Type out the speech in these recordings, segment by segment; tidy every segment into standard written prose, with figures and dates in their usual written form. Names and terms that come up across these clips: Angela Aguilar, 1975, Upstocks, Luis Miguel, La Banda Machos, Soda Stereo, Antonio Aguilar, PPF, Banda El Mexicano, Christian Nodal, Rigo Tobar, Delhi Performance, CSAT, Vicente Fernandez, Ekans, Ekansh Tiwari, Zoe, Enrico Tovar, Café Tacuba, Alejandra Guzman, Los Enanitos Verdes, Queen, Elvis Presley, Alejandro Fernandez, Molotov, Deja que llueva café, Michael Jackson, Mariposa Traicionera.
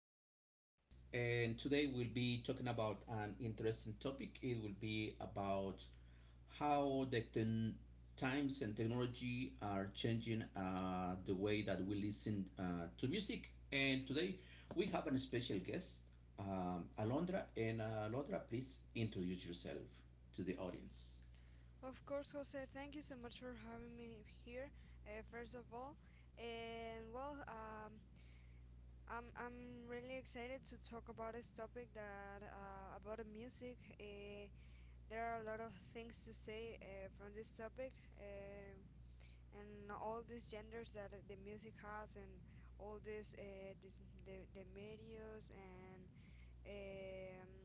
another podcast. And today we'll be talking about an interesting topic. It will be about how the times and technology are changing the way that we listen to music. And today we have a special guest, Alondra. And Alondra, please introduce yourself to the audience. Of course, Jose. Thank you so much for having me here. First of all, and well, I'm really excited to talk about this topic that about the music. There are a lot of things to say from this topic, and all these genders that the music has, and all this, the medias and um,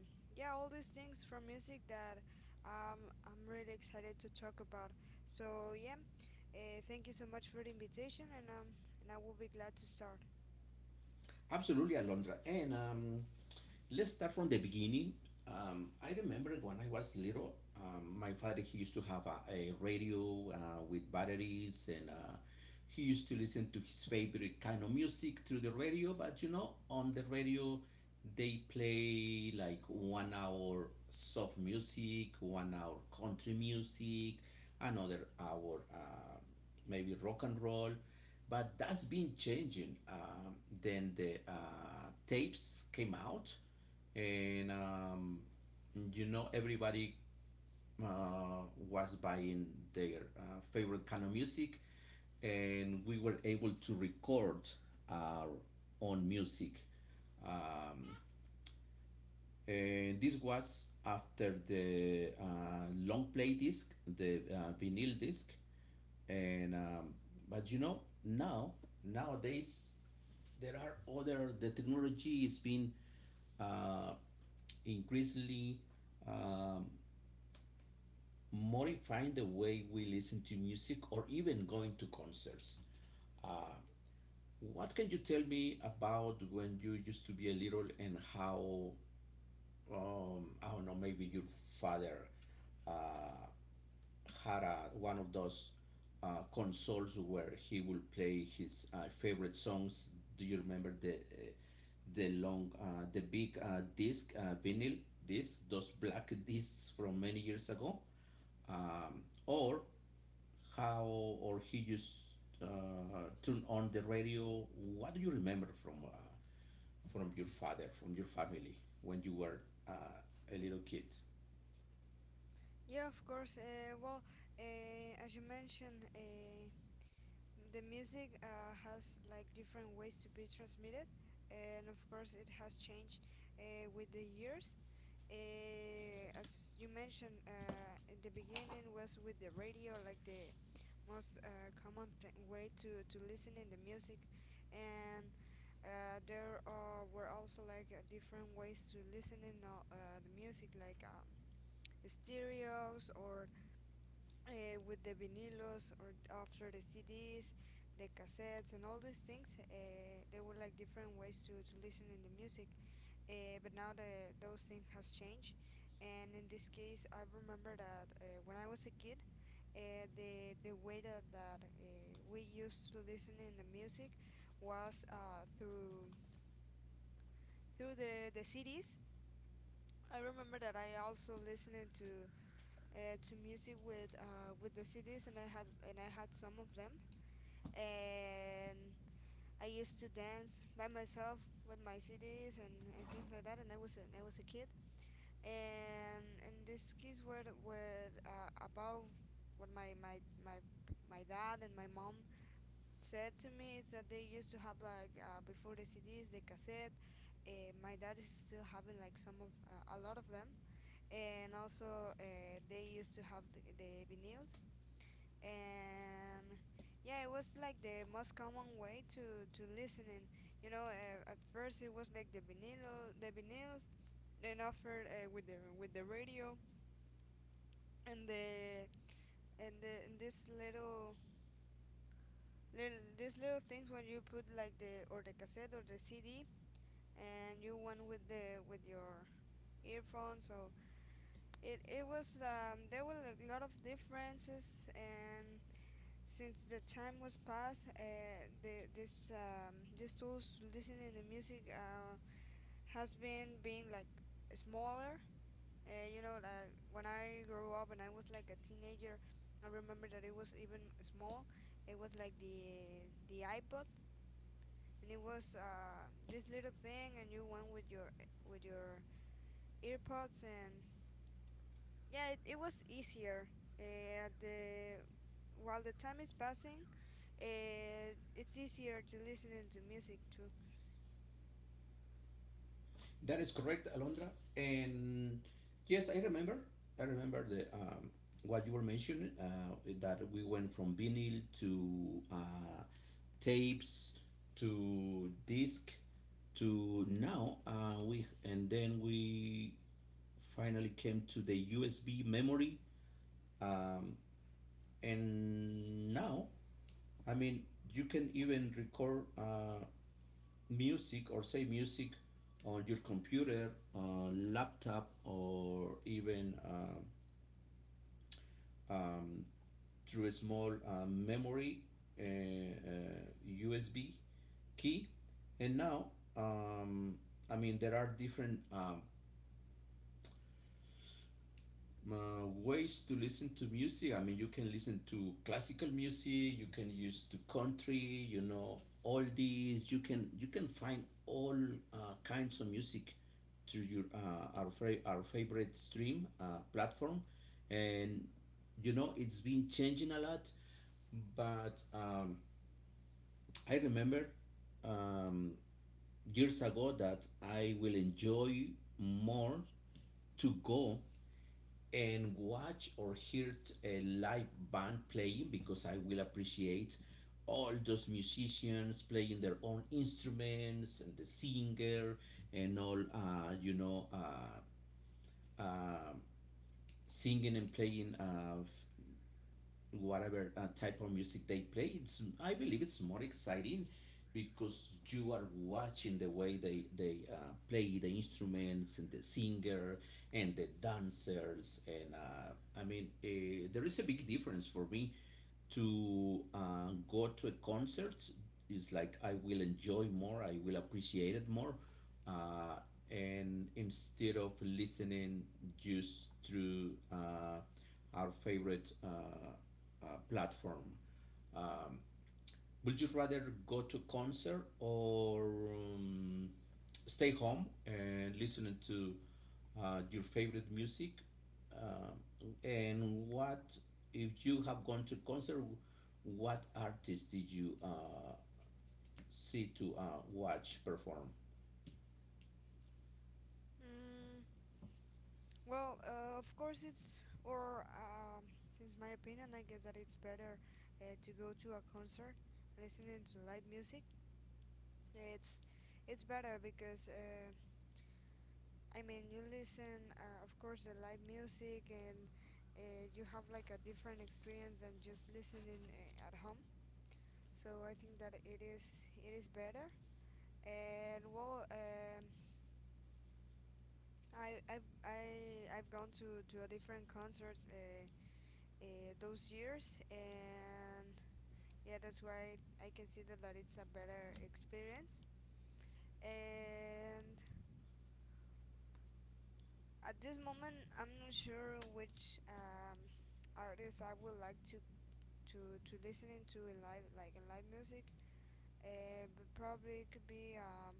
yeah, all these things from music that I'm really excited to talk about. So yeah, thank you so much for the invitation, and I will be glad to start. Absolutely, Alondra. And Let's start from the beginning. I remember when I was little, my father he used to have a radio with batteries, and he used to listen to his favorite kind of music through the radio. But you know, on the radio, they play like 1 hour soft music, 1 hour country music, another hour. Maybe rock and roll, but that's been changing. Then the tapes came out, and you know everybody uh, was buying their favorite kind of music, and we were able to record our own music. Um, and this was after the long play disc, the vinyl disc, and but you know now nowadays there are other the technology is being uh, increasingly um, modifying the way we listen to music or even going to concerts. Uh, what can you tell me about when you used to be a little and how I don't know, maybe your father uh, had one of those consoles where he would play his favorite songs. Do you remember the long, the big disc, vinyl disc, those black discs from many years ago? Or how, or he just turned on the radio. What do you remember from your father, from your family when you were uh, a little kid? Yeah, of course. As you mentioned, the music has like different ways to be transmitted, and of course, it has changed with the years. As you mentioned, in the beginning was with the radio, like the most common way to listen in the music and were also like different ways to listen in the music, like stereos or with the vinilos or after the CDs, the cassettes, and all these things, they were like different ways to listen in the music, but now the those things has changed, and in this case, I remember that when I was a kid, the way that we used to listen in the music was through the CDs. I remember that I also listened to music with the CDs, and I had some of them, and I used to dance by myself with my CDs and things like that. And I was a kid, and in this case, were about what my dad and my mom said to me is that they used to have like before the CDs the cassette. My dad is still having like some of a lot of them, and also they used to have the vinyls and. Yeah, it was like the most common way to listening. You know, at first it was like the vinyls, then after with the radio, and the and this little little these little things when you put like the cassette or the CD and you went with the with your earphones, so it was there were a lot of differences, and since the time was past, these tools listening to music has been being like smaller. You know, like when I grew up and I was like a teenager, I remember that it was even small. It was like the iPod, and it was this little thing, and you went with your earpods, and yeah, it was easier. The while the time is passing, it's easier to listening to music too. That is correct, Alondra. And yes, I remember. I remember the what you were mentioning that we went from vinyl to tapes to disc to now we finally came to the USB memory. Um, and now, I mean, you can even record music or save music on your computer, laptop, or even um, through a small memory USB key. And now, um, I mean, there are different ways to listen to music. I mean, you can listen to classical music. You can use to country. You know, all these. You can find all kinds of music through your our favorite stream platform, and you know it's been changing a lot. But I remember um, years ago that I will enjoy more to go and watch or hear a live band playing because I will appreciate all those musicians playing their own instruments and the singer and all uh, singing and playing whatever type of music they play. It's, I believe, it's more exciting because you are watching the way they play the instruments and the singer and the dancers, and I mean, there is a big difference for me to go to a concert. Is like I will enjoy more, I will appreciate it more, uh, and instead of listening just through our favorite platform. Um, would you rather go to a concert or stay home and listen to your favorite music? Um and what if you have gone to concert? What artists did you see to watch perform? Mm, of course it's, or since my opinion, I guess that it's better to go to a concert, listening to live music. It's it's better because I mean you listen, of course, the live music, and you have like a different experience than just listening at home. So I think that it is better. And well, I I've I've gone to a different concerts. Those years, and yeah, that's why I consider that it's a better experience. And at this moment, I'm not sure which artist I would like to to listening to in live, like in live music, but probably it could be um,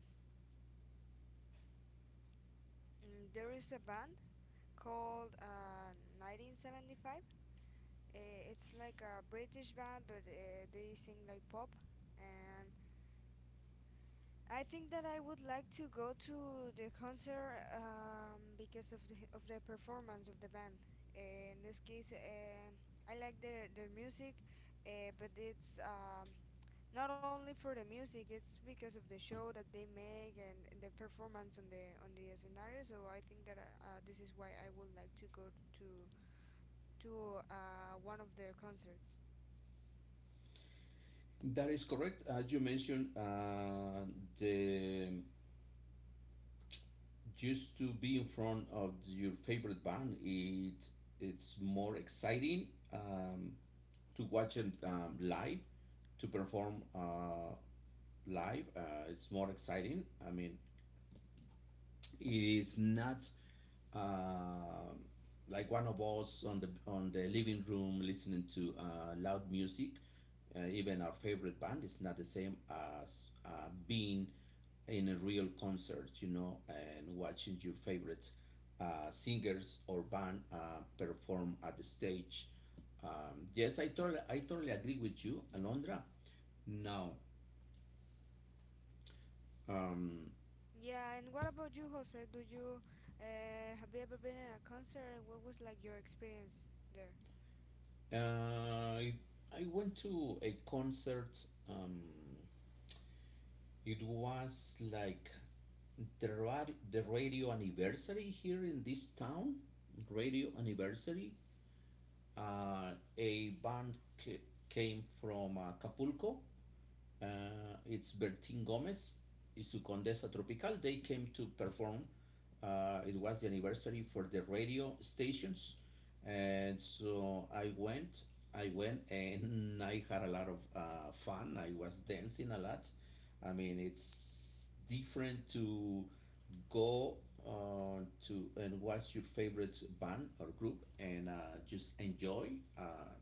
mm, there is a band called 1975. It's like a British band, but they sing like pop, and I think that I would like to go to the concert because of the performance of the band. In this case, I like their music, but it's not only for the music. It's because of the show that they make, and the performance on the scenario. So I think that this is why I would like to go to to one of their concerts. That is correct. As you mentioned, the just to be in front of your favorite band, it's more exciting, to watch them, live, to perform live. It's more exciting. I mean, it is not uh, like one of us on the living room listening to loud music. Even our favorite band is not the same as being in a real concert, you know, and watching your favorite singers or band perform at the stage. Yes, I totally agree with you, Alondra. Now, um, Yeah, and what about you, Jose? Do you Have you ever been in a concert? And what was like your experience there? Uh, I went to a concert. Um, it was like the radio anniversary here in this town. Radio anniversary. Uh, a band c- came from Acapulco, it's Bertin Gomez y su Condesa Tropical. They came to perform. It was the anniversary for the radio stations, and so I went. I went and I had a lot of fun. I was dancing a lot. I mean, it's different to go to and watch your favorite band or group and just enjoy.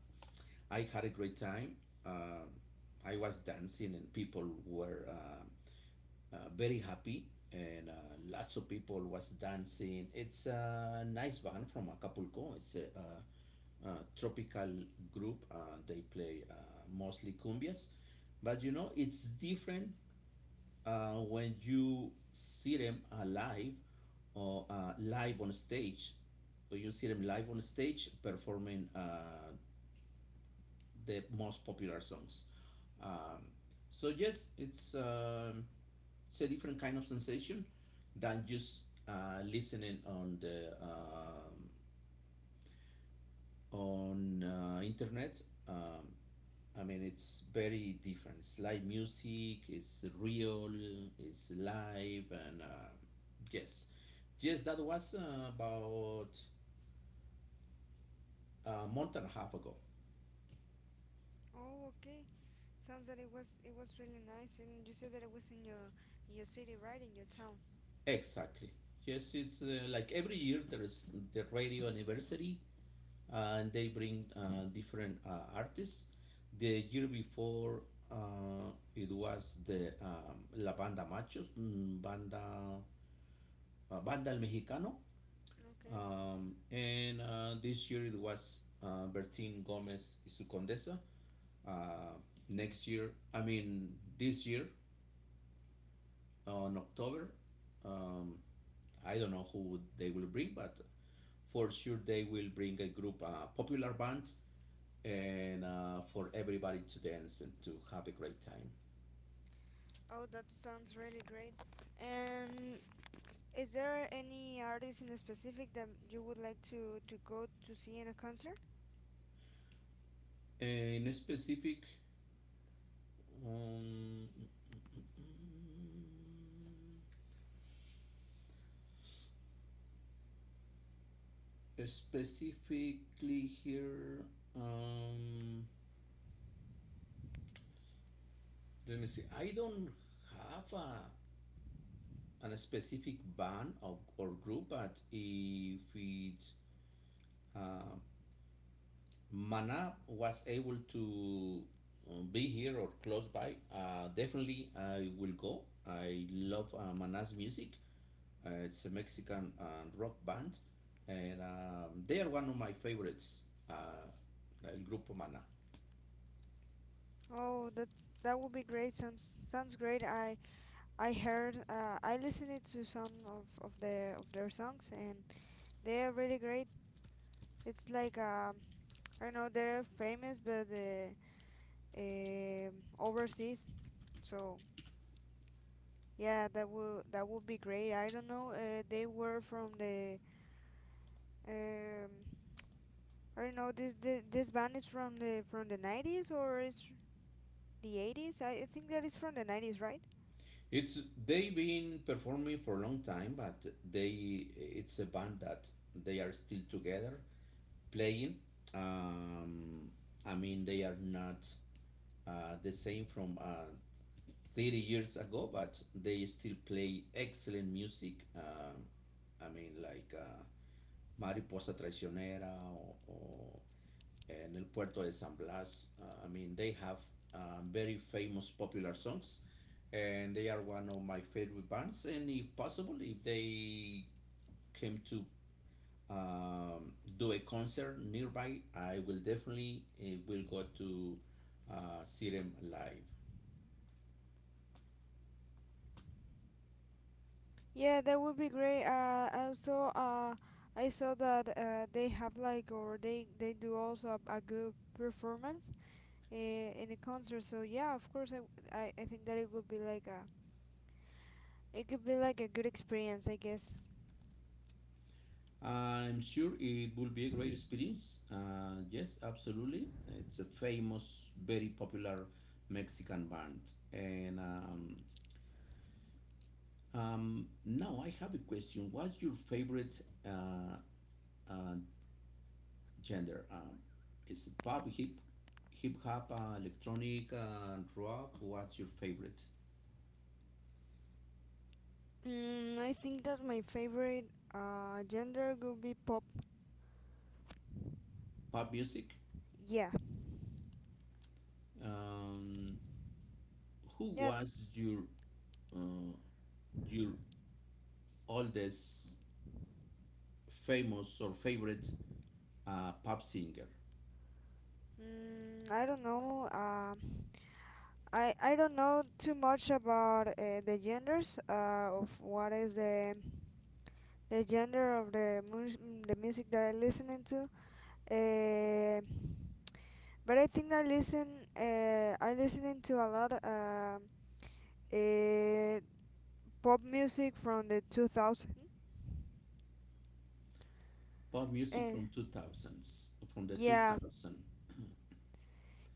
I had a great time. Um I was dancing, and people were very happy, and lots of people was dancing. It's a nice band from Acapulco. It's a tropical group. They play mostly cumbias, but you know it's different when you see them live or live on stage. You see them live on stage performing the most popular songs. Um, so yes, it's a different kind of sensation than just listening on the on internet. Um, I mean, it's very different. It's live music. It's real. It's live, and yes, yes, that was about a month and a half ago. Oh, okay. Sounds that it was really nice, and you said that it was in your city, right? In your town. Exactly. Yes, it's like every year there is the radio anniversary, and they bring different artists. The year before, it was the La Banda Machos, Banda Banda El Mexicano, Okay. And this year it was Bertin Gomez y su Condesa. Uh, next year, I mean this year on October, um, I don't know who they will bring, but for sure they will bring a group, a popular band, and for everybody to dance and to have a great time. Oh, that sounds really great. And is there any artist in specific that you would like to go to see in a concert? In a specific, um, specifically here, um, let me see. I don't have a an specific band of, or group, but if it uh, Mana was able to be here or close by, definitely I will go. I love Mana's music. It's a Mexican rock band, and they are one of my favorites. Uh, El Grupo Mana. Oh, that that would be great. Sounds sounds great. I heard I listened it to some of their songs, and they're really great. It's like I don't know they're famous, but um overseas. So yeah, that would be great. I don't know. They were from the um, I don't know. This band is from the 90s or is the 80s? I think that is from the 90s, right? It's they've been performing for a long time, but they it's a band that they are still together playing. Um, I mean, they are not the same from 30 years ago, but they still play excellent music. I mean, like Mariposa Traicionera or En el Puerto de San Blas. I mean, they have very famous popular songs, and they are one of my favorite bands. And if possible, if they came to do a concert nearby, I will definitely will go to see them live. Yeah, that would be great. I saw that they have like or they do also a good performance uh, in a concert. So yeah, of course, I think that it would be like a it could be like a good experience, I guess. I'm sure it will be a great experience. Yes, absolutely. It's a famous, very popular Mexican band. And Now I have a question. What's your favorite uh, gender? Is it pop, hip hop, electronic, rock? What's your favorite? I think that my favorite gender would be pop. Pop music? Yeah, Um, who yeah. was uh, your oldest famous or favorite pop singer, I don't know. I don't know too much about the genders of what is the gender of the the music that I listening to. Uh, but I think I listen I listening to a lot. Uh, Pop music from the 2000. pop music Eh, from 2000s, from the yeah, 2000.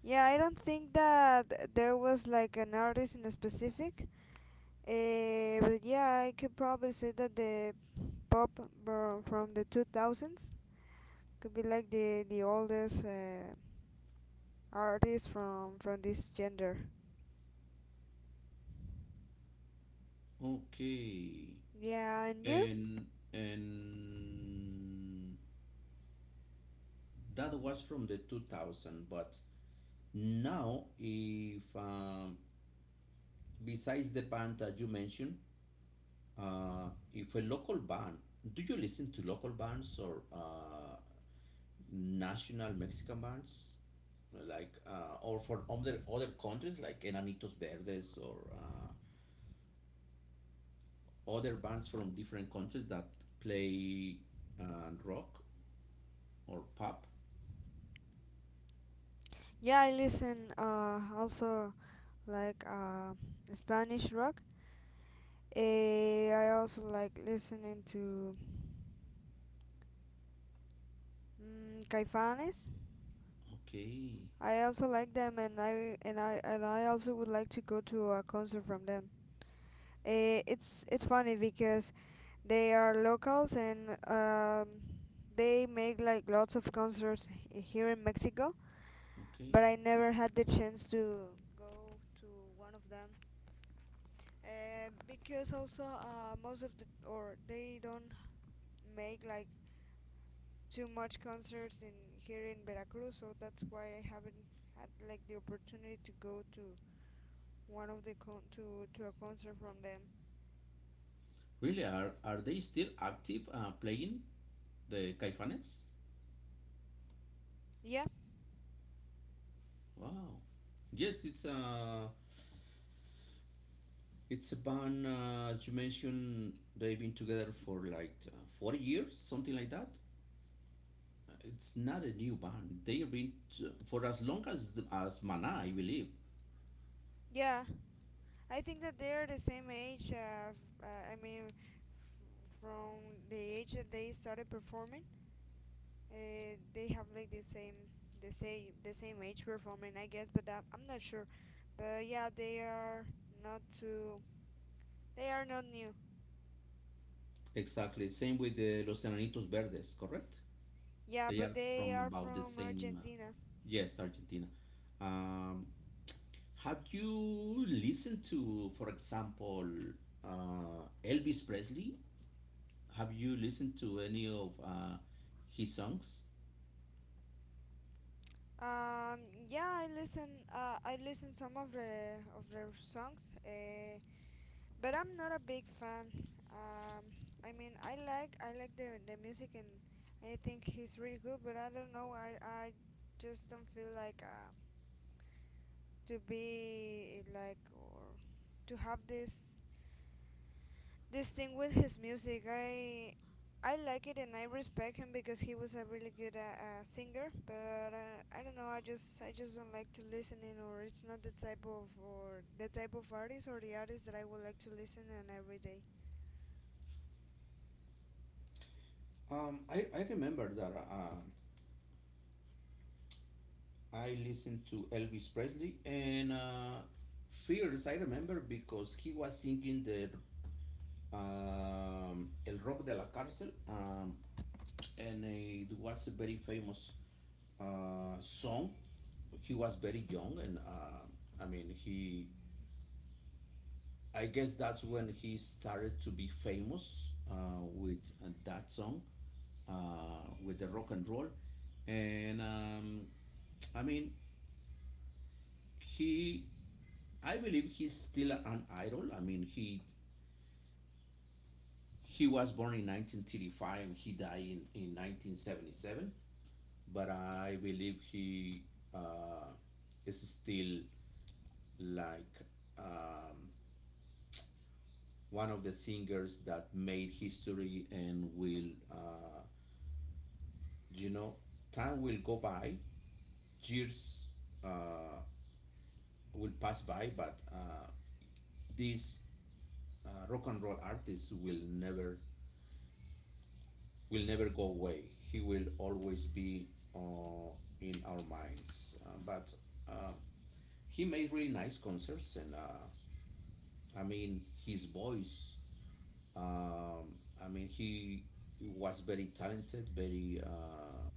yeah. I don't think that there was like an artist in a specific. But yeah, I could probably say that the pop from the 2000s could be like the oldest artist from this gender. Okay. Yeah, and you? And and that was from the 2000, but now if besides the band that you mentioned, if a local band, do you listen to local bands or national Mexican bands? Like or for other other countries like Enanitos Verdes or other bands from different countries that play rock or pop. Yeah, I listen also like Spanish rock. I also like listening to Caifanes. Okay, I also like them, and I also would like to go to a concert from them. It's funny because they are locals, and they make like lots of concerts here in Mexico, okay. but I never had the chance to go to one of them. Because also most of the or they don't make like too much concerts in here in Veracruz, so that's why I haven't had like the opportunity to go to one of the con to a concert from them. Really, are they still active playing the Caifanes? Yeah, Wow. Yes, it's a band as you mentioned. They've been together for like 40 years, something like that. It's not a new band. For as long as Mana, I believe. yeah. I think that they are the same age. I mean, from the age that they started performing, they have like the same age performing, I guess. But I'm not sure. But yeah, they are not too. They are not new. Exactly. Same with the Los Enanitos Verdes, correct? Yeah, They but are they from are about the from same, Argentina. yes, Argentina. Um, have you listened to, for example, Elvis Presley? Have you listened to any of his songs? Um, yeah, I listen. I listen some of the of their songs, but I'm not a big fan. Um, I mean, I like the music, and I think he's really good. But I don't know. I just don't feel like to be like or to have this this thing with his music. I like it, and I respect him because he was a really good singer. But I don't know. I just don't like to listen in, or it's not the type of or the type of artist or the artist that I would like to listen in every day. I remember that I listened to Elvis Presley and Fears, I remember because he was singing the El Rock de la Cárcel, and it was a very famous song. He was very young, and I mean, he. I guess that's when he started to be famous with that song, with the rock and roll, and I mean, he. I believe he's still an idol. I mean, he was born in 1935 and he died in 1977, but I believe he uh, is still like um, one of the singers that made history and will, you know, time will go by, years uh, will pass by, but this rock and roll artist will never go away. He will always be uh, in our minds. But uh, he made really nice concerts, and his voice. He was very talented, very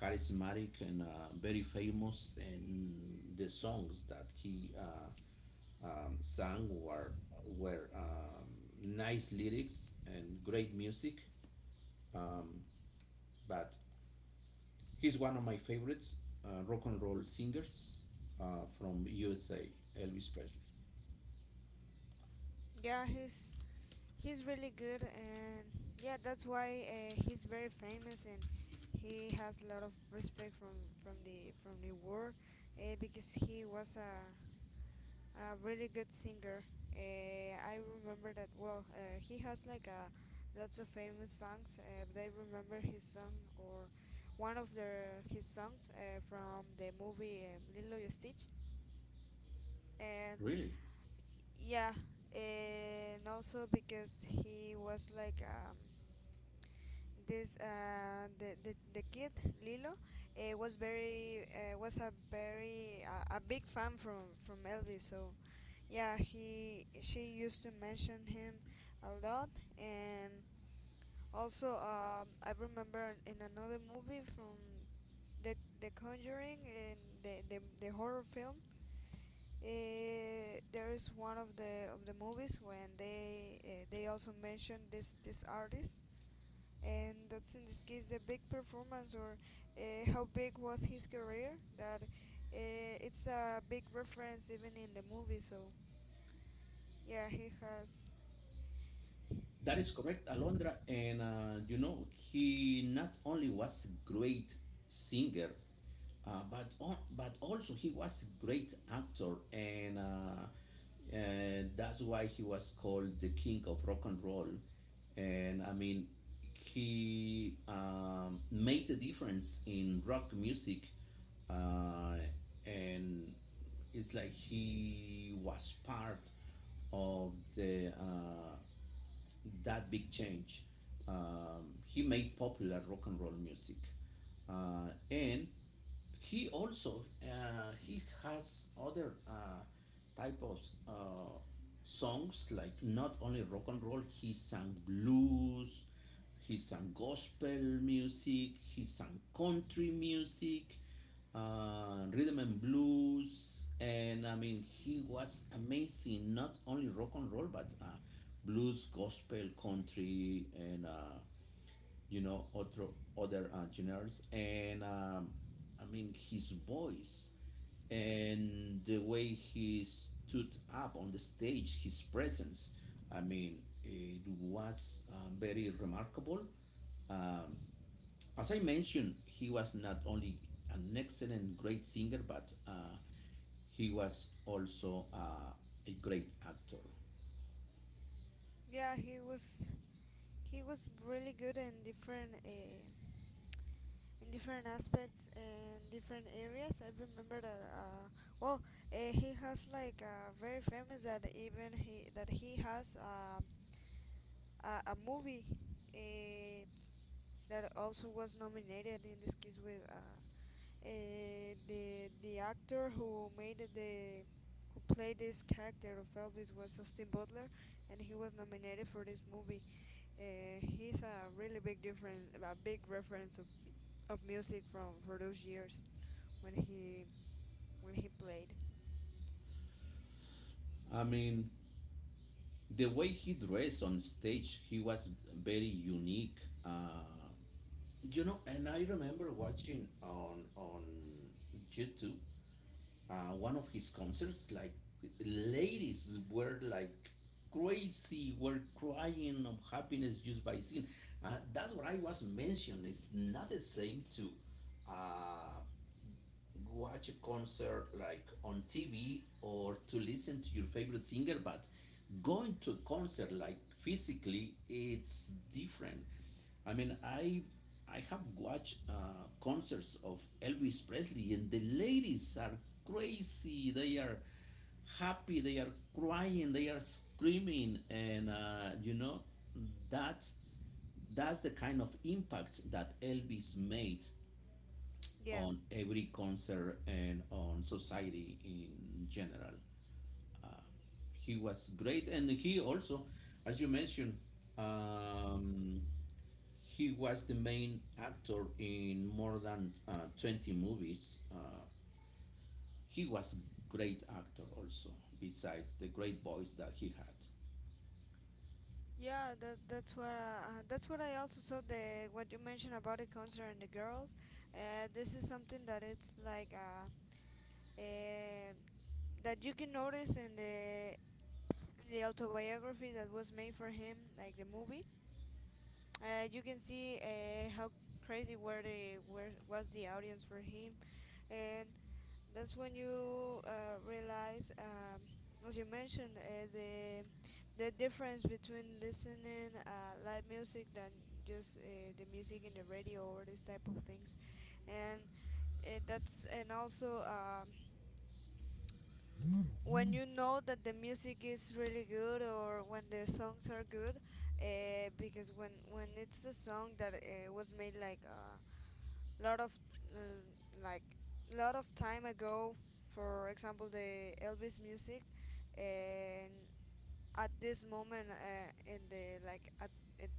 charismatic, and very famous. And the songs that he sang were nice lyrics and great music. Um, but he's one of my favorites, rock and roll singers from USA, Elvis Presley. Yeah, he's really good, and yeah, that's why he's very famous, and he has a lot of respect from the world because he was a really good singer. I remember that well. He has like a lots of famous songs, but I remember his song or one of the his songs from the movie Lilo y Stitch, and Really? yeah, and also because he was like this the kid Lilo was very was a very a big fan from Elvis, so yeah, he she used to mention him a lot. And also I remember in another movie from the the Conjuring and the horror film, there is one of the movies when they also mention this artist, and that's in this case the big performance or how big was his career that it's a big reference even in the movie. So yeah, he has. That is correct, Alondra. And you know, he not only was a great singer, but also he was a great actor, and that's why he was called the king of rock and roll. And I mean, he made a difference in rock music, uh, and it's like he was part of the that big change. He made popular rock and roll music, and he also he has other type of uh, songs like not only rock and roll. He sang blues. He sang gospel music. He sang country music, rhythm and blues, and I mean he was amazing. Not only rock and roll, but blues, gospel, country, and other other genres, and I mean his voice and the way he stood up on the stage, his presence. I mean, it was very remarkable. Um, as I mentioned, he was not only an excellent, great singer, but he was also a great actor. Yeah, he was, he was really good in different aspects and different areas. I remember that well, he has like very famous that even he has a movie uh, that also was nominated in this case with the actor who made the, who played this character of Elvis, was Austin Butler, and he was nominated for this movie. Uh, he's a really big difference, a big reference of music from for those years when he, when he played. I mean, the way he dressed on stage, he was very unique. Uh, you know, and I remember watching on YouTube one of his concerts. Like ladies were like crazy, were crying of happiness just by seeing. That's what I was mentioning. It's not the same to uh, watch a concert like on TV or to listen to your favorite singer, but going to a concert like physically, it's different. I mean, I have watched concerts of Elvis Presley, and the ladies are crazy. They are happy. They are crying. They are screaming, and you know that that's the kind of impact that Elvis made Yeah, on every concert and on society in general. He was great, and he also, as you mentioned, um, he was the main actor in more than 20 movies. He was a great actor also, besides the great voice that he had. yeah, that that's what I also saw, the what you mentioned about the concert and the girls. This is something that it's like uh that you can notice in the autobiography that was made for him, like the movie. You can see how crazy were the, where was the audience for him. And that's when you realize, as you mentioned, the difference between listening live music than just the music in the radio or this type of things, and that's and also, when you know that the music is really good or when the songs are good, because when it's a song that was made like, lot of uh, like lot of time ago, for example the Elvis music. And at this moment, in the like at,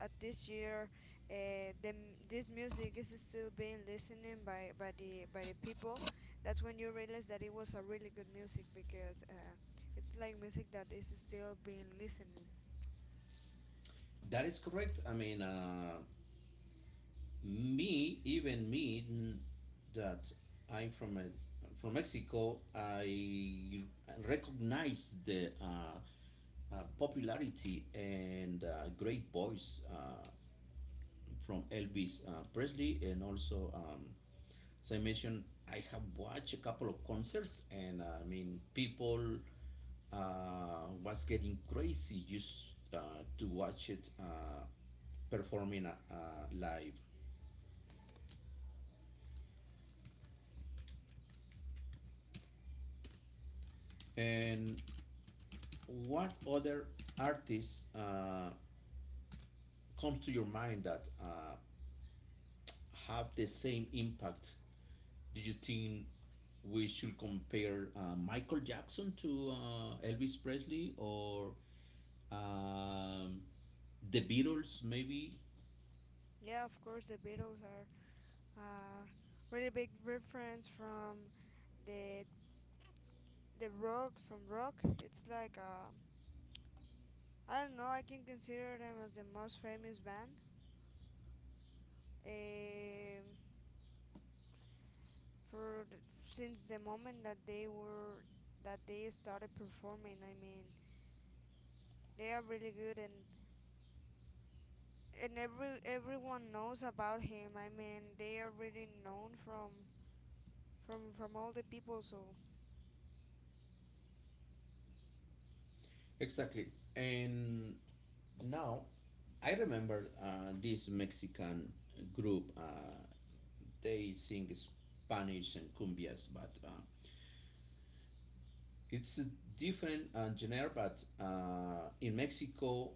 at this year, this music is still being listening by the people. That's when you realize that it was a really good music, because it's like music that is still being listening. That is correct. Me, even me, that I'm from Mexico, I recognize the popularity and great voice from Elvis Presley, and also, as I mentioned, I have watched a couple of concerts, and I mean, people was getting crazy just to watch it performing live. And what other artists comes to your mind that have the same impact? Do you think we should compare Michael Jackson to Elvis Presley or um, the Beatles, maybe? Yeah, of course the Beatles are uh, really big reference from the the Rock, from Rock. It's like I don't know, I can consider them as the most famous band um for the, since the moment that they were, that they started performing. I mean, they are really good, and everyone knows about him. I mean, they are really known from all the people. So Exactly. And now I remember this Mexican group. They sing Spanish and cumbias, but it's a different genre, but in Mexico,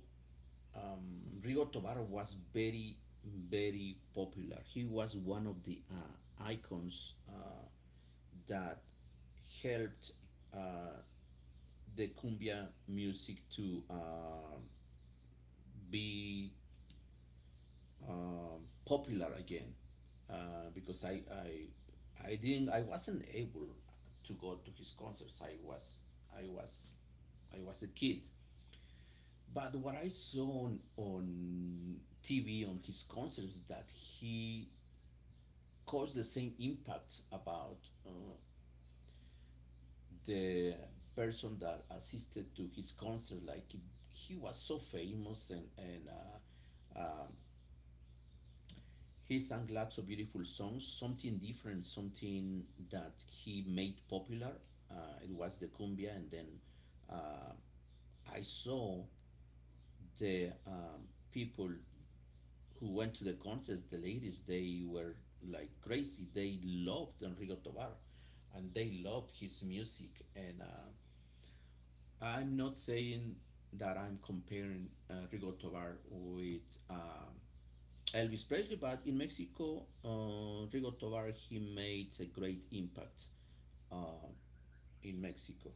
Rigo Tobar was very, very popular. He was one of the icons that helped uh, the cumbia music to be uh, popular again. Because I didn't, I wasn't able to go to his concerts. I was, I was a kid. But what I saw on TV on his concerts is that he caused the same impact about uh, the person that assisted to his concerts. He was so famous and and he sang lots of beautiful songs, something different, something that he made popular. It was the cumbia, and then uh, I saw the people who went to the concerts, the ladies, they were like crazy. They loved Enrico Tovar and they loved his music. And I'm not saying that I'm comparing Enrico Tovar with Elvis Presley, but in Mexico, Enrico Tovar, he made a great impact uh, in Mexico.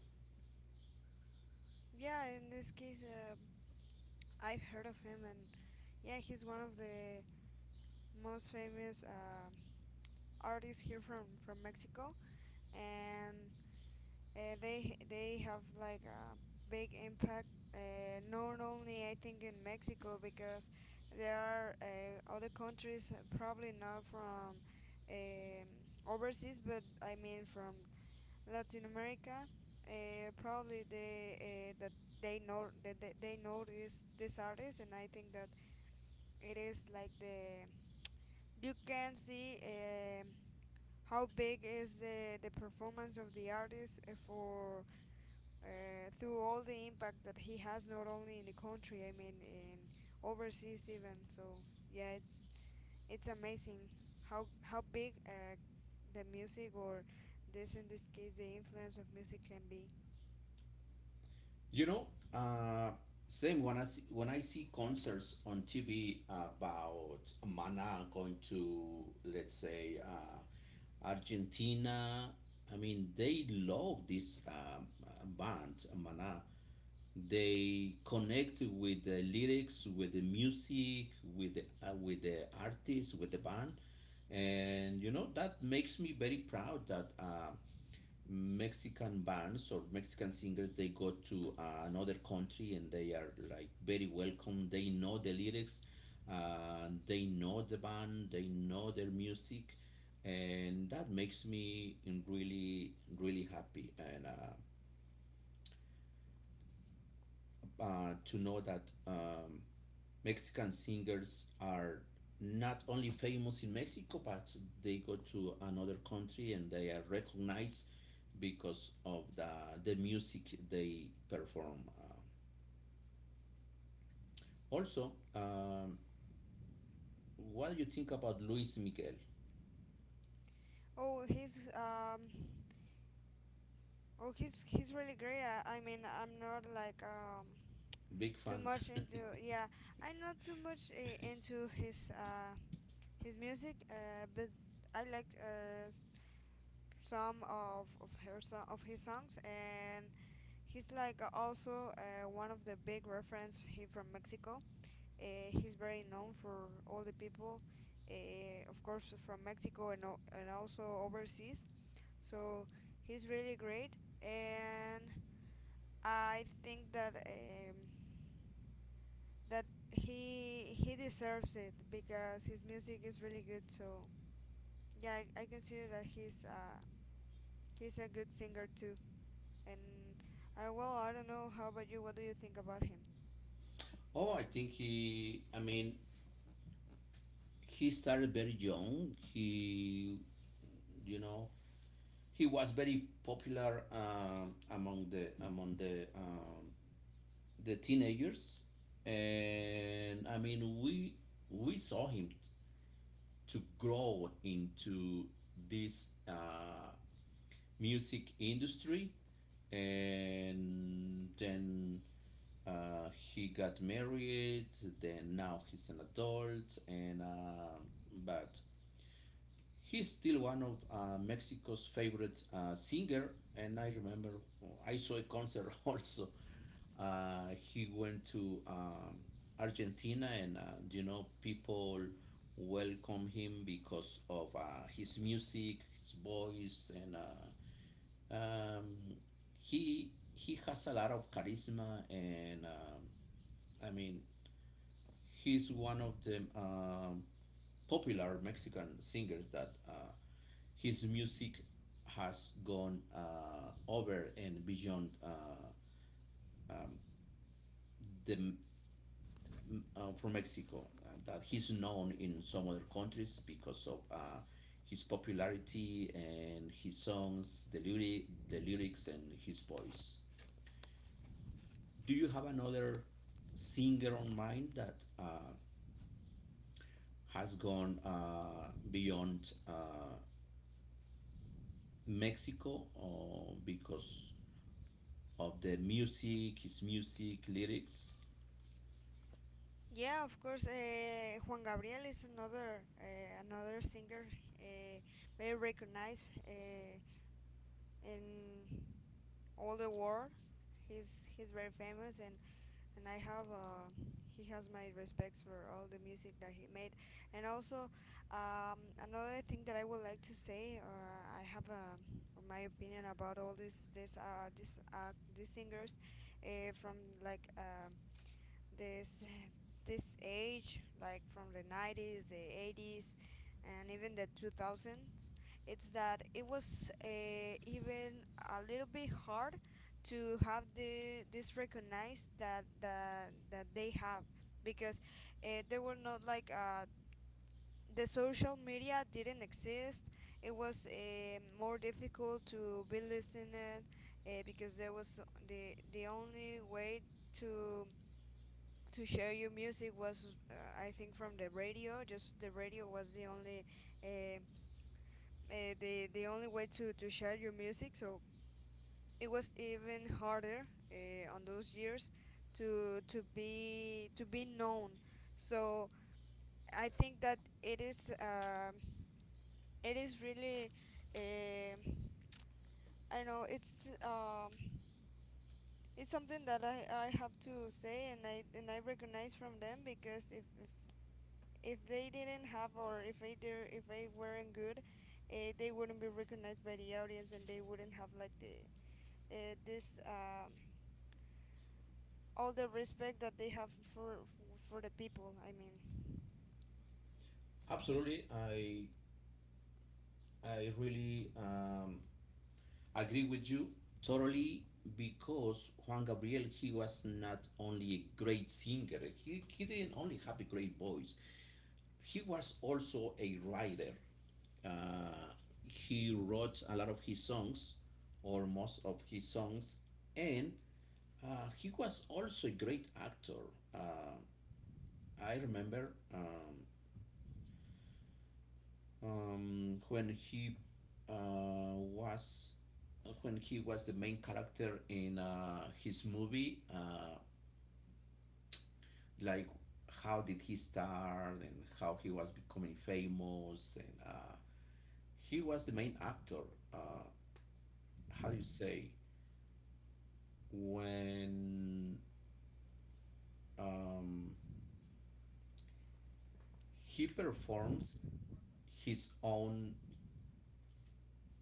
yeah, in this case, I've heard of him, and yeah, he's one of the most famous artists here from Mexico. And they have like a big impact, not only I think in Mexico, because there are other countries, probably not from um, overseas, but I mean from Latin America, probably they that they know this artist. And I think that it is like the, you can see how big is the performance of the artist for through all the impact that he has, not only in the country, I mean in overseas even. So yeah, it's amazing how big the music or this, in this case the influence of music can be. You know, uh, same when I see concerts on TV about Mana going to, let's say, Argentina. I mean, they love this band, Mana. They connect with the lyrics, with the music, with the artist, with the band, and you know that makes me very proud that. Mexican bands or Mexican singers, they go to another country and they are like very welcome. They know the lyrics, they know the band, they know their music, and that makes me in really, really happy. And to know that Mexican singers are not only famous in Mexico, but they go to another country and they are recognized because of the music they perform. Also, um, what do you think about Luis Miguel? oh he's um oh, he's really great. I mean I'm not like Big too fan. much into, yeah, I'm not too much into his music, but I like some of of his songs. And he's like also one of the big reference here from Mexico. He's very known for all the people, of course from Mexico and and also overseas. So he's really great, and I think that that he deserves it because his music is really good. So yeah, I consider that he's a good singer too. And I, well, I don't know, how about you? What do you think about him? Oh, I think I mean, he started very young. He, you know, he was very popular among the the teenagers and I mean we saw him to grow into this music industry and then he got married then now he's an adult and but he's still one of Mexico's favorite singer, and I remember I saw a concert also. He went to Argentina, and you know people welcome him because of his music, his voice, and um, he has a lot of charisma, and I mean he's one of the popular Mexican singers that. His music has gone over and beyond um, the from Mexico. That he's known in some other countries because of his popularity and his songs, the lyrics, and his voice. Do you have another singer on mind that has gone beyond Mexico or because of the music, his music lyrics? Yeah, of course. Juan Gabriel is another singer, uh, very recognized in all the world. He's very famous, and I have he has my respects for all the music that he made. And also, another thing that I would like to say, I have my opinion about all this this this these singers from like um this this age, like from the 90s, the 80s, and even the 2000s. It's that it was even a little bit hard to have the this recognized that that they have, because they were not like the social media didn't exist. It was more difficult to be listened, because there was the only way to to share your music was, I think, from the radio. Just the radio was the only uh, the only way to share your music. So it was even harder on those years to be, to be known. So I think that it is really um I don't know, it's something that I have to say, and I, and I recognize from them, because if they didn't have, or if they did, if they weren't good, they wouldn't be recognized by the audience, and they wouldn't have like the this all the respect that they have for the people. I mean, Absolutely, I really agree with you totally because Juan Gabriel he was not only a great singer. He didn't only have a great voice. He was also a writer. Uh, he wrote a lot of his songs, or most of his songs, and he was also a great actor. Uh, I remember When he was when he was the main character in his movie, like how did he start and how he was becoming famous, and he was the main actor. Uh, how do you say when um, he performs his own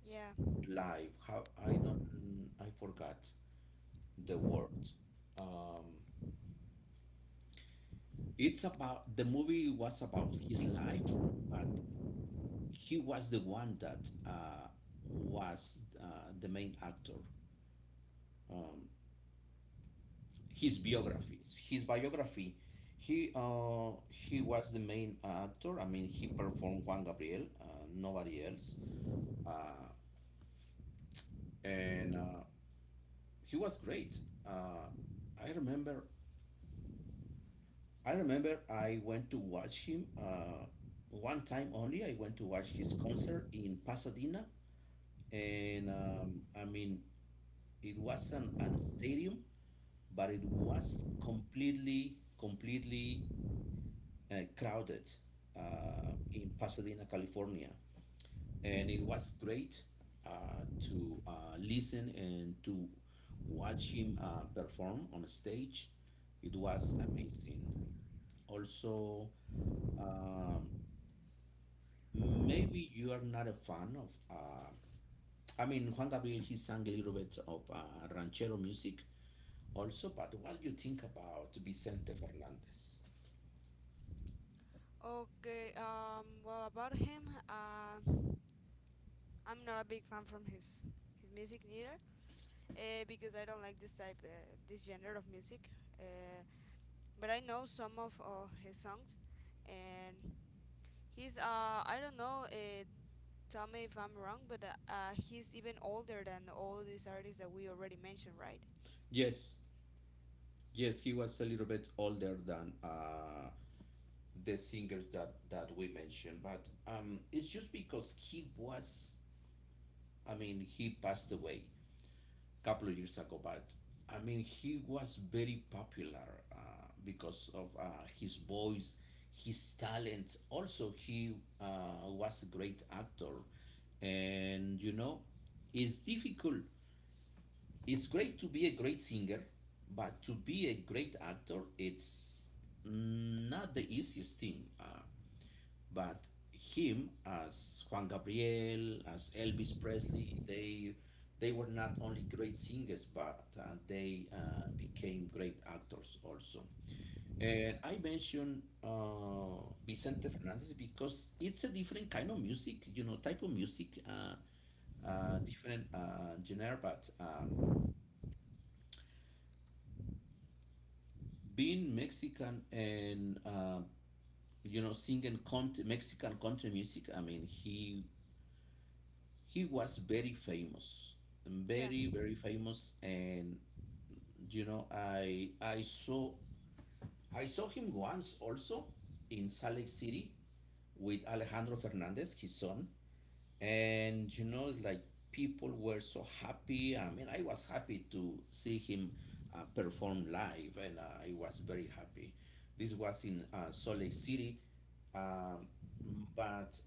yeah. live? How I don't I forgot the word. Um, it's about the movie was about his life, but he was the one that was the main actor. Um, his biography, his biography, he was the main actor. I mean, he performed Juan Gabriel, nobody else, uh, and he was great. Uh, I remember, I remember, I went to watch him. One time only, I went to watch his concert in Pasadena and I mean, it wasn't a stadium, but it was completely, completely crowded in Pasadena, California, and it was great to listen and to watch him perform on stage. It was amazing. Also, um, maybe you are not a fan of. I mean, Juan Gabriel, he sang a little bit of ranchero music also, but what do you think about Vicente Fernandez? Okay. Um, well, about him, I'm not a big fan from his music neither, because I don't like this genre of music. Uh, but I know some of his songs, and he's I don't know, tell me if I'm wrong, but he's even older than all these artists that we already mentioned, right? Yes, yes, he was a little bit older than the singers that we mentioned, but it's just because he was, I mean, he passed away. Couple of years ago, but I mean, he was very popular because of his voice, his talent. Also, he was a great actor, and you know, it's difficult. It's great to be a great singer, but to be a great actor, it's not the easiest thing. But Him as Juan Gabriel, as Elvis Presley, they were not only great singers, but they became great actors also. And I mentioned Vicente Fernandez because it's a different kind of music, you know, type of music, different genre. But being Mexican and you know singing country, Mexican country music, I mean, he was very famous, Yeah, very, very famous, and you know I saw him once also in Salt Lake City with Alejandro Fernandez his son, and you know it's like people were so happy. I mean I was happy to see him perform live, and I was very happy. This was in Salt Lake City. Um, but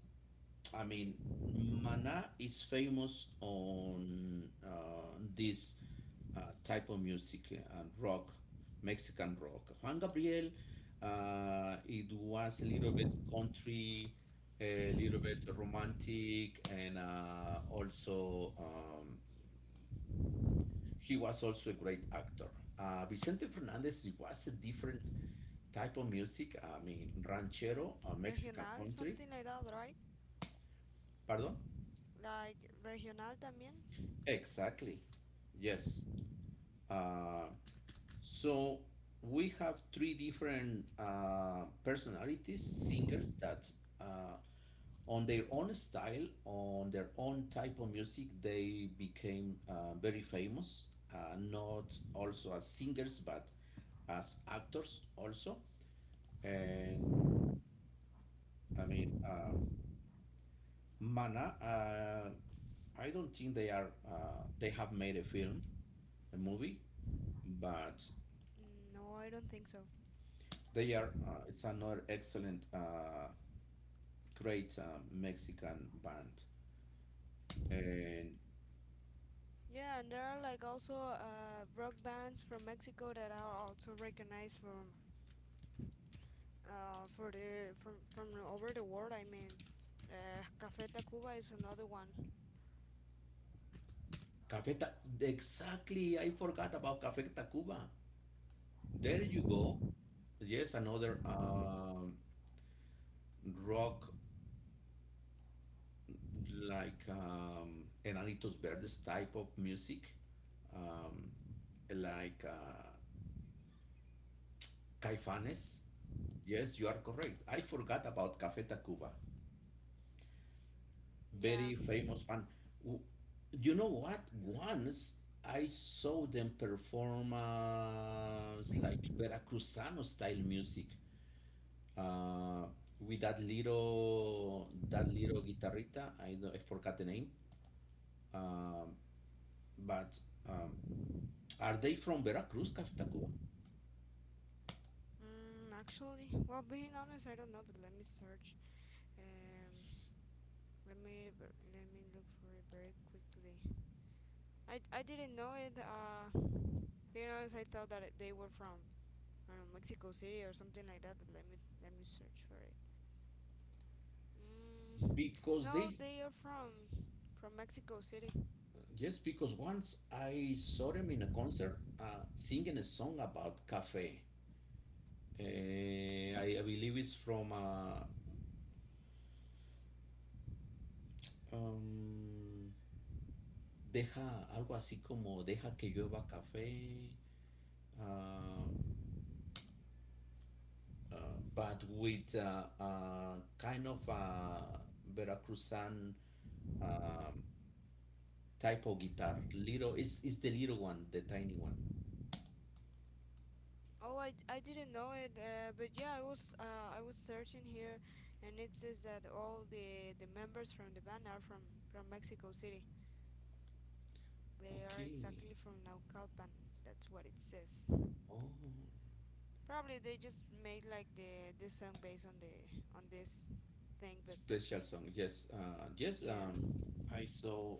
I mean, Mana is famous on this type of music and rock, Mexican rock. Juan Gabriel, it was a little bit country, a little bit romantic, and also he was also a great actor. Vicente Fernandez it was a different type of music. I mean, like ranchero, Mexican regional, country. something like that, right? Pardon? Like regional también? Exactly. Yes. Uh, so we have three different personalities, singers that uh, on their own style, on their own type of music, they became very famous, not also as singers, but as actors also. And I mean, uh, Mana, I don't think they have made a film, a movie, but No, I don't think so. they are. It's another excellent, great Mexican band. And Yeah, and there are like also rock bands from Mexico that are also recognized from for the from over the world. I mean, Café Tacuba is another one. Cafeta. Exactly. I forgot about Cafeta Cuba. There you go. Yes, another rock, like Enanitos Verdes type of music, um, like uh, Caifanes. Yes, you are correct. I forgot about Café Tacuba. Yeah, Very famous band. W- You know what? Once I saw them perform, it's like Veracruzano style music, uh, with that little guitarrita. I don't, I forgot the name. Um, but um, are they from Veracruz, Café Tacuba? mm, actually, well, being honest, I don't know, but let me search. Um, Let me, let me look for it very quickly. I didn't know it. Being honest, I thought that it, they were from, I don't know, Mexico City or something like that. But let me, let me search for it. Mm, Because no, they, they are from Mexico City. yes, because once I saw them in a concert singing a song about cafe. Uh, I believe it's from Um, deja algo así como deja que llueva café, ah, ah, but with kind of a Veracruzan um, type of guitar. Little, it's the little one, the tiny one. Oh, I didn't know it. But yeah, I was searching here, and it says that all the members from the band are from Mexico City. They are Okay. exactly from Naucalpan. That's what it says. Oh, Probably they just made like the this song based on the on this thing, but special song. Yes. Yes. Yeah. I saw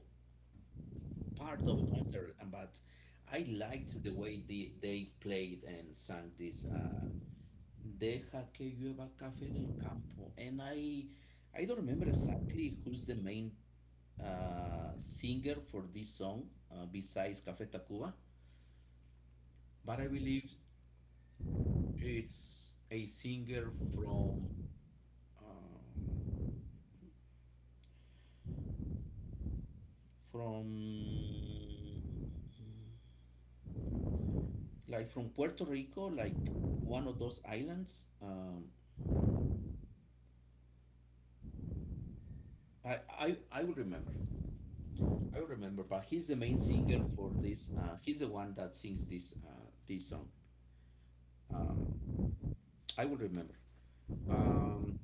part of a concert, but I liked the way they played and sang this. Deja que llueva café en el campo. And I don't remember exactly who's the main singer for this song, besides Café Tacuba, but I believe it's a singer from um, from like from Puerto Rico, like one of those islands. I will remember. I will remember. But he's the main singer for this. He's the one that sings this this song. Um, I will remember. Um,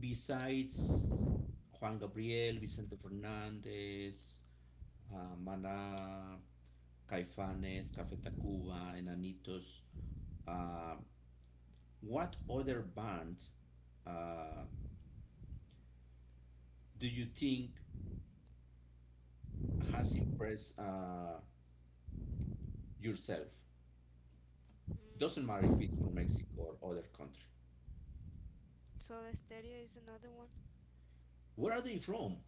besides Juan Gabriel, Vicente Fernández, Maná, Caifanes, Café Tacuba, Enanitos, uh, what other band uh, do you think has impressed yourself? Doesn't matter if it's Mm, from Mexico or other country. Soda Stereo is another one. Where are they from?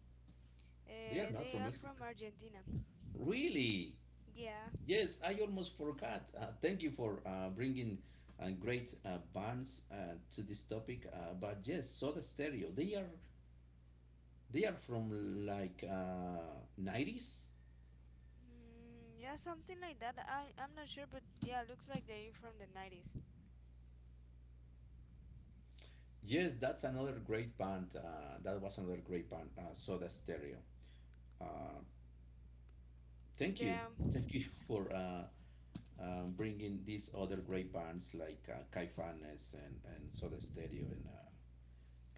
They are not They from are Mexico. from Argentina. Really? Yeah. Yes, I almost forgot. Thank you for bringing great bands to this topic. But yes, Soda Stereo. They are from like, 90s. Mm, yeah, something like that. I, I'm not sure, but yeah, looks like they're from the 90s. Yes, that's another great band. That was another great band, Soda Stereo. Uh, thank you, Yeah. thank you for bringing these other great bands like Caifanes and Soda Stereo and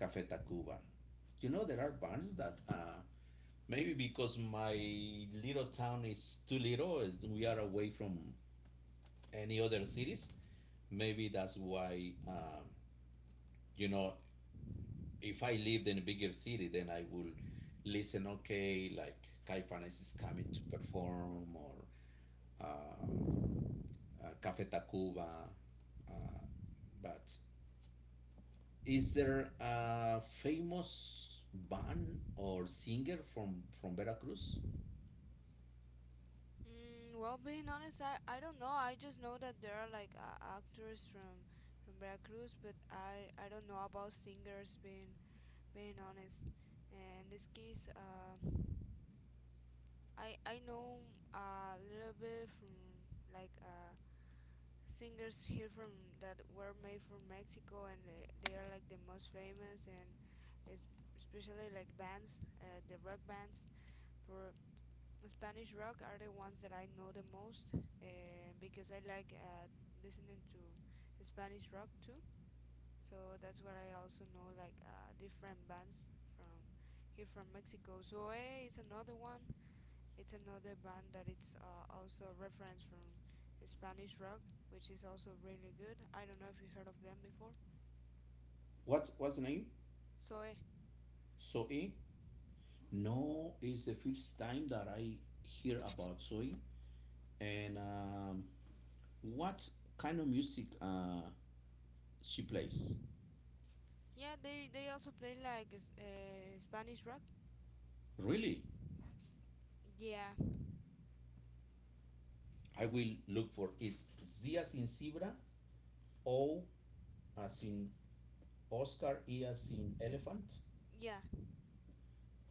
Café Tacuba. You know, there are bands that maybe because my little town is too little, is we are away from any other cities. Maybe that's why, you know, if I lived in a bigger city, then I will listen, okay, like Caifanes is coming to perform or um, Café Tacuba. Uh, but is there a famous band or singer from Veracruz? Mm, well, being honest, I don't know. I just know that there are like actors from Veracruz, but I don't know about singers. Being, being honest, and this case, I know a little bit from like singers here from, that were made from Mexico, and they are like the most famous, and es- especially like bands, the rock bands for Spanish rock are the ones that I know the most, because I like listening to Spanish rock too. So that's what I also know, like different bands from here from Mexico. Zoe is another one. It's another band that it's also a reference from Spanish rock, which is also really good. I don't know if you heard of them before. What's the name? So Soy? No, it's the first time that I hear about Zoe. And what kind of music she plays? yeah, they also play like Spanish rock. Really, Yeah, I will look for it's Z as in zebra, O as in Oscar, E as in elephant. yeah,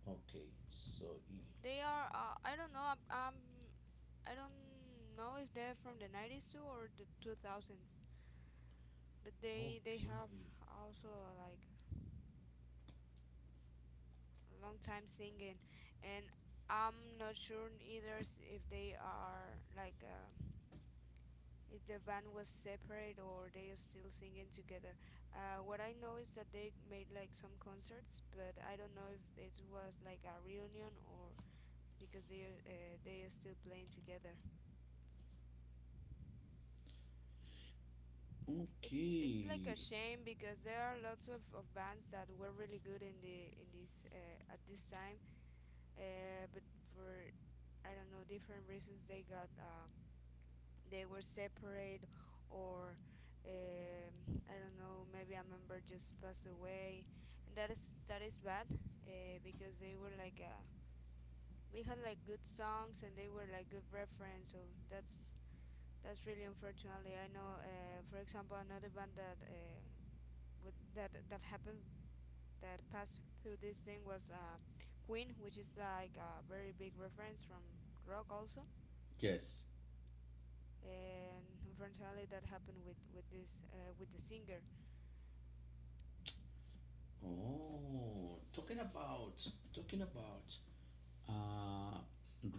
Okay, so E. they are. I don't know. I don't know if they're from the 90s too or the 2000s, but they Okay, have also like a long time singing. And I'm not sure either if they are like, if the band was separate or they are still singing together. What I know is that they made like some concerts, but I don't know if it was like a reunion or because they are still playing together. It's like a okay. shame, because there are lots of bands that were really good in the in this at this time, but for, I don't know, different reasons they got they were separate, or um, I don't know, maybe a member just passed away, and that is, that is bad because they were like we had like good songs, and they were like good reference. So that's that's really unfortunately. I know, for example, another band that that that happened, that passed through this thing, was Queen, which is like a very big reference from rock also, Yes. and unfortunately that happened with this with the singer. Oh, talking about uh,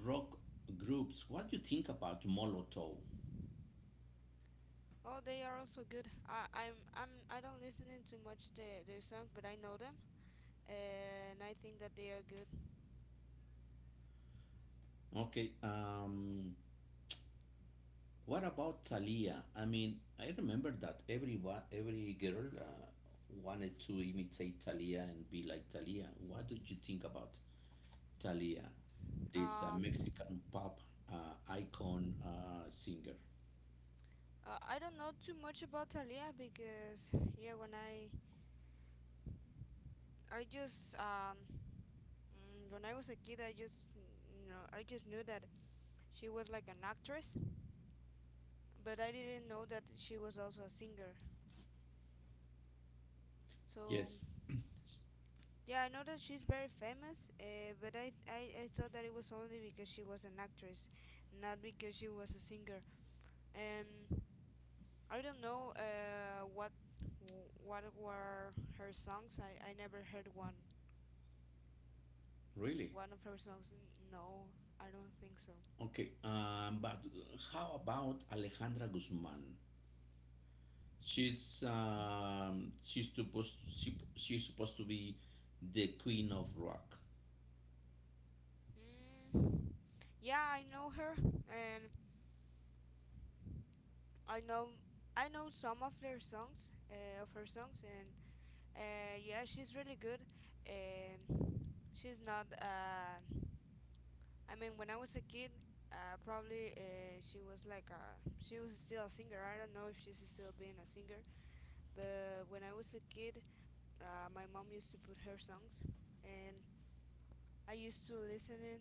rock groups. What do you think about Molotov? Oh, they are also good. I, I'm, I don't listen to much the, their songs, but I know them, and I think that they are good. Okay, what about Thalia? I mean, I remember that every girl wanted to imitate Thalia and be like Thalia. What did you think about Thalia, this Um, Mexican pop icon singer? I don't know too much about Talia because yeah, when I I just um when I was a kid, I just I just knew that she was like an actress, but I didn't know that she was also a singer. So Yes, yeah, I know that she's very famous, but I thought that it was only because she was an actress, not because she was a singer. Um, I don't know what were her songs. I never heard one really. one of her songs. No, I don't think so. Okay, but how about Alejandra Guzman? She's she's supposed to be the queen of rock. Mm, yeah, I know her, and I know I know some of their songs, of her songs, and yeah, she's really good. Um, she's not. I mean, when I was a kid, probably she was still a singer. I don't know if she's still being a singer, but when I was a kid, my mom used to put her songs, and I used to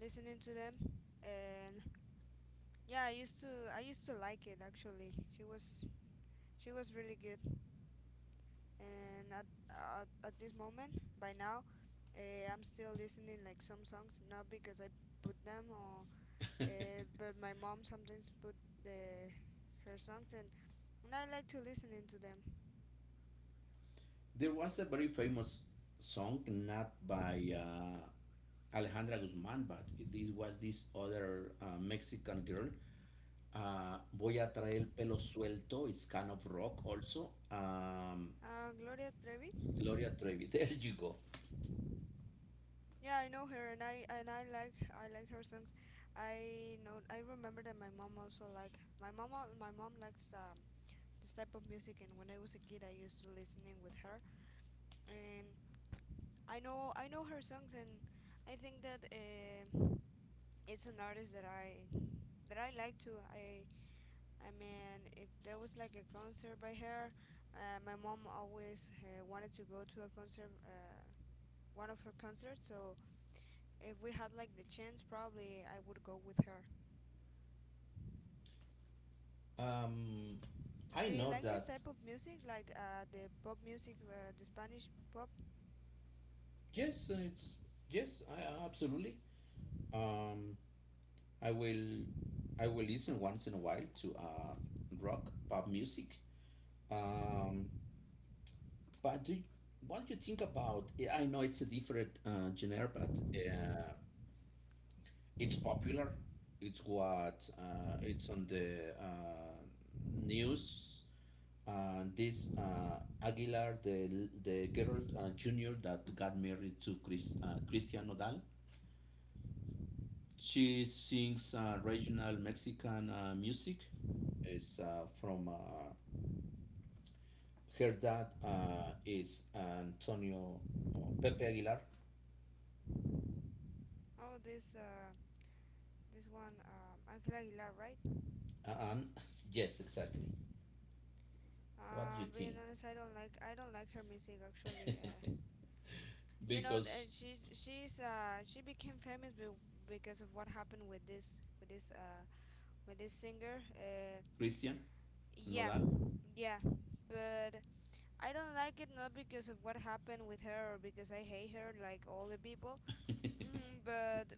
listening to them, and yeah, I used to like it actually. She was really good, and at this moment, by now, I'm still listening like some songs, not because I put them or but my mom sometimes put the her songs, and I like to listening to them. There was a very famous song, not by Alejandra Guzman, but this was this other Mexican girl. Voy a traer el pelo suelto. It's kind of rock also. Gloria Trevi. Gloria Trevi. There you go. Yeah, I know her, and I like her songs. I remember that my mom also my mom my mom likes this type of music, and when I was a kid, I used to listening with her, and I know her songs, and I think that it's an artist that I like to. I mean, if there was like a concert by her, my mom always wanted to go to a concert, one of her concerts, so. If we had like the chance, probably I would go with her. Um, I Do you know like this that. type of music, like the pop music, the Spanish pop? Yes, absolutely. Um, I will I will listen once in a while to rock pop music. Um, but do you, what do you think about? Yeah, I know it's a different genre, but it's popular. It's what it's on the news. This Aguilar, the girl, junior, that got married to Christian Nodal. She sings regional Mexican music. It's from her dad is Antonio or Pepe Aguilar. Oh, this one, Angela Aguilar, right? And yes, exactly. What do you Being think? honest, I don't like her music actually. Because She became famous because of what happened with this with this with this singer. Christian yeah, Nodal. yeah, but I don't like it not because of what happened with her or because I hate her like all the people. Mm, but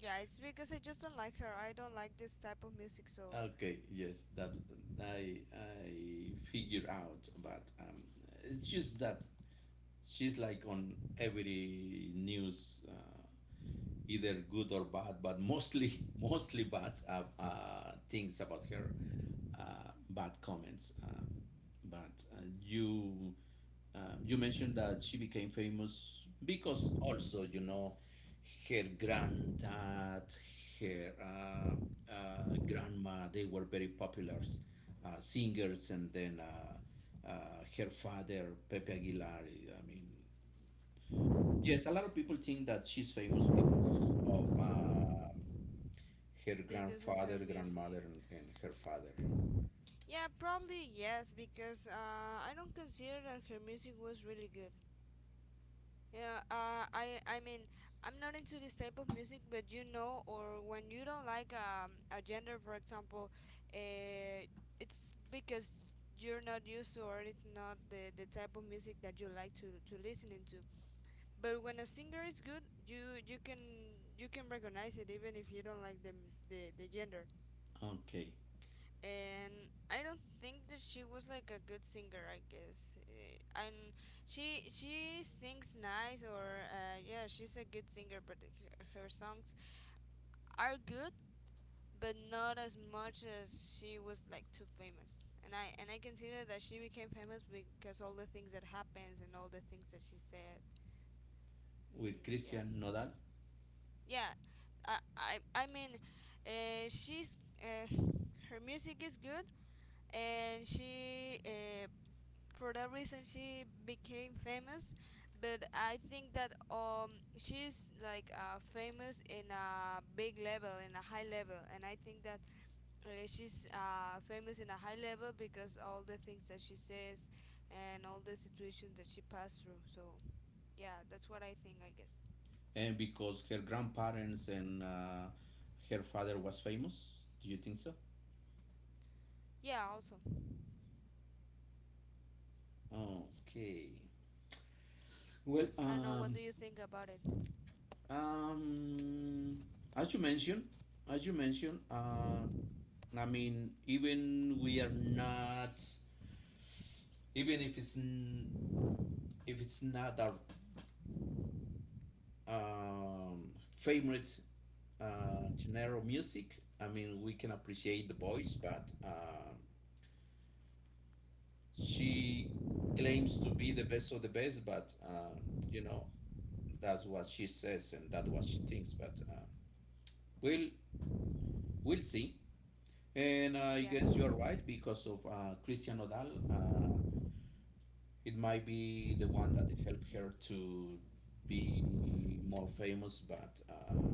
yeah, it's because I just don't like her. I don't like this type of music, so Okay, yes, that I figure out, but it's just that she's like on every news. Either good or bad, but mostly mostly bad things about her, bad comments. But you mentioned that she became famous because also you know her granddad, her grandma, they were very popular singers, and then her father Pepe Aguilar. I mean, yes, a lot of people think that she's famous of her because of her grandfather, grandmother, music. And her father. Yeah, probably yes, because I don't consider that her music was really good. Yeah, I mean I'm not into this type of music, but you know, or when you don't like a gender, for example, uh, it's because you're not used to, or it's not the type of music that you like to listen into. But when a singer is good, you can recognize it even if you don't like the gender. Okay, And I don't think that she was like a good singer. I guess, eh, and she sings nice, or yeah, she's a good singer. But her songs are good, but not as much as she was like too famous. And I consider that she became famous because all the things that happens and all the things that she said. with Mm, yeah. Christian Nodal, yeah I mean she's uh, her music is good, and she for that reason she became famous, but I think that she's like famous in a big level, in a high level, and I think that she's famous in a high level because all the things that she says and all the situations that she passed through. So yeah, that's what I think, I guess. and because her grandparents and her father was famous. Do you think so? Yeah also. Okay. Well, I don't know, what do you think about it? um, as you mentioned, as you mentioned, I mean, even we are not, even if it's not our um, favorite genre of music. I mean, we can appreciate the voice, but um, she claims to be the best of the best. But you know, that's what she says and that's what she thinks. But we'll we'll see. And I Yeah, guess you're right because of Christian Odal. It might be the one that helped her to be more famous, but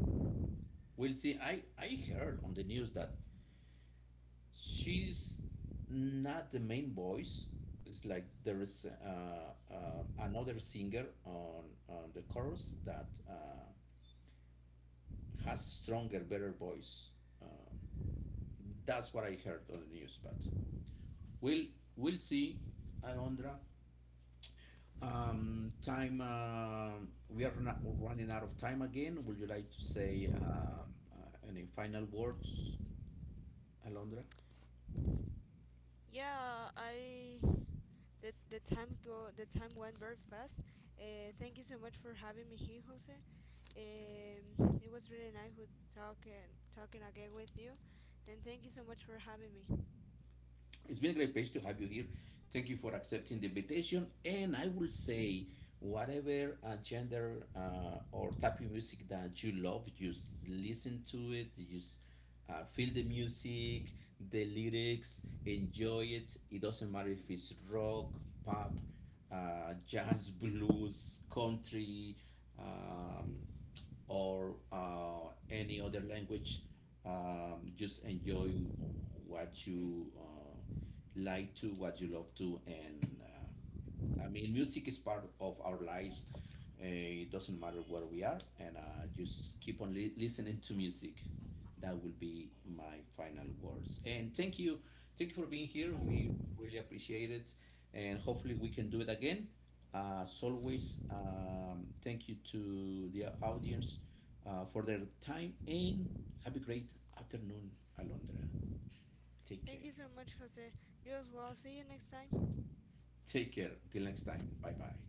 we'll see. I heard on the news that she's not the main voice. It's like there is another singer on the chorus that has stronger, better voice. Uh, that's what I heard on the news. But we'll we'll see, Alondra. Time we are not running out of time again. Would you like to say any final words, Alondra? Yeah, I the time went very fast. Thank you so much for having me here, Jose. It was really nice with talking again with you, and thank you so much for having me. It's been a great pleasure to have you here. Thank you for accepting the invitation. And I will say, whatever gender or type of music that you love, just listen to it. Just feel the music, the lyrics, enjoy it. It doesn't matter if it's rock, pop, jazz, blues, country, um, or any other language. Just enjoy what you like to what you love to. And I mean, music is part of our lives, it doesn't matter where we are, and just keep on listening to music. That will be my final words. And thank you, thank you for being here. We really appreciate it, and hopefully we can do it again. As always, thank you to the audience for their time, and have a great afternoon, Alondra. Take Thank care. you so much, Jose. You as well. See you next time. Take care. Till next time. Bye bye.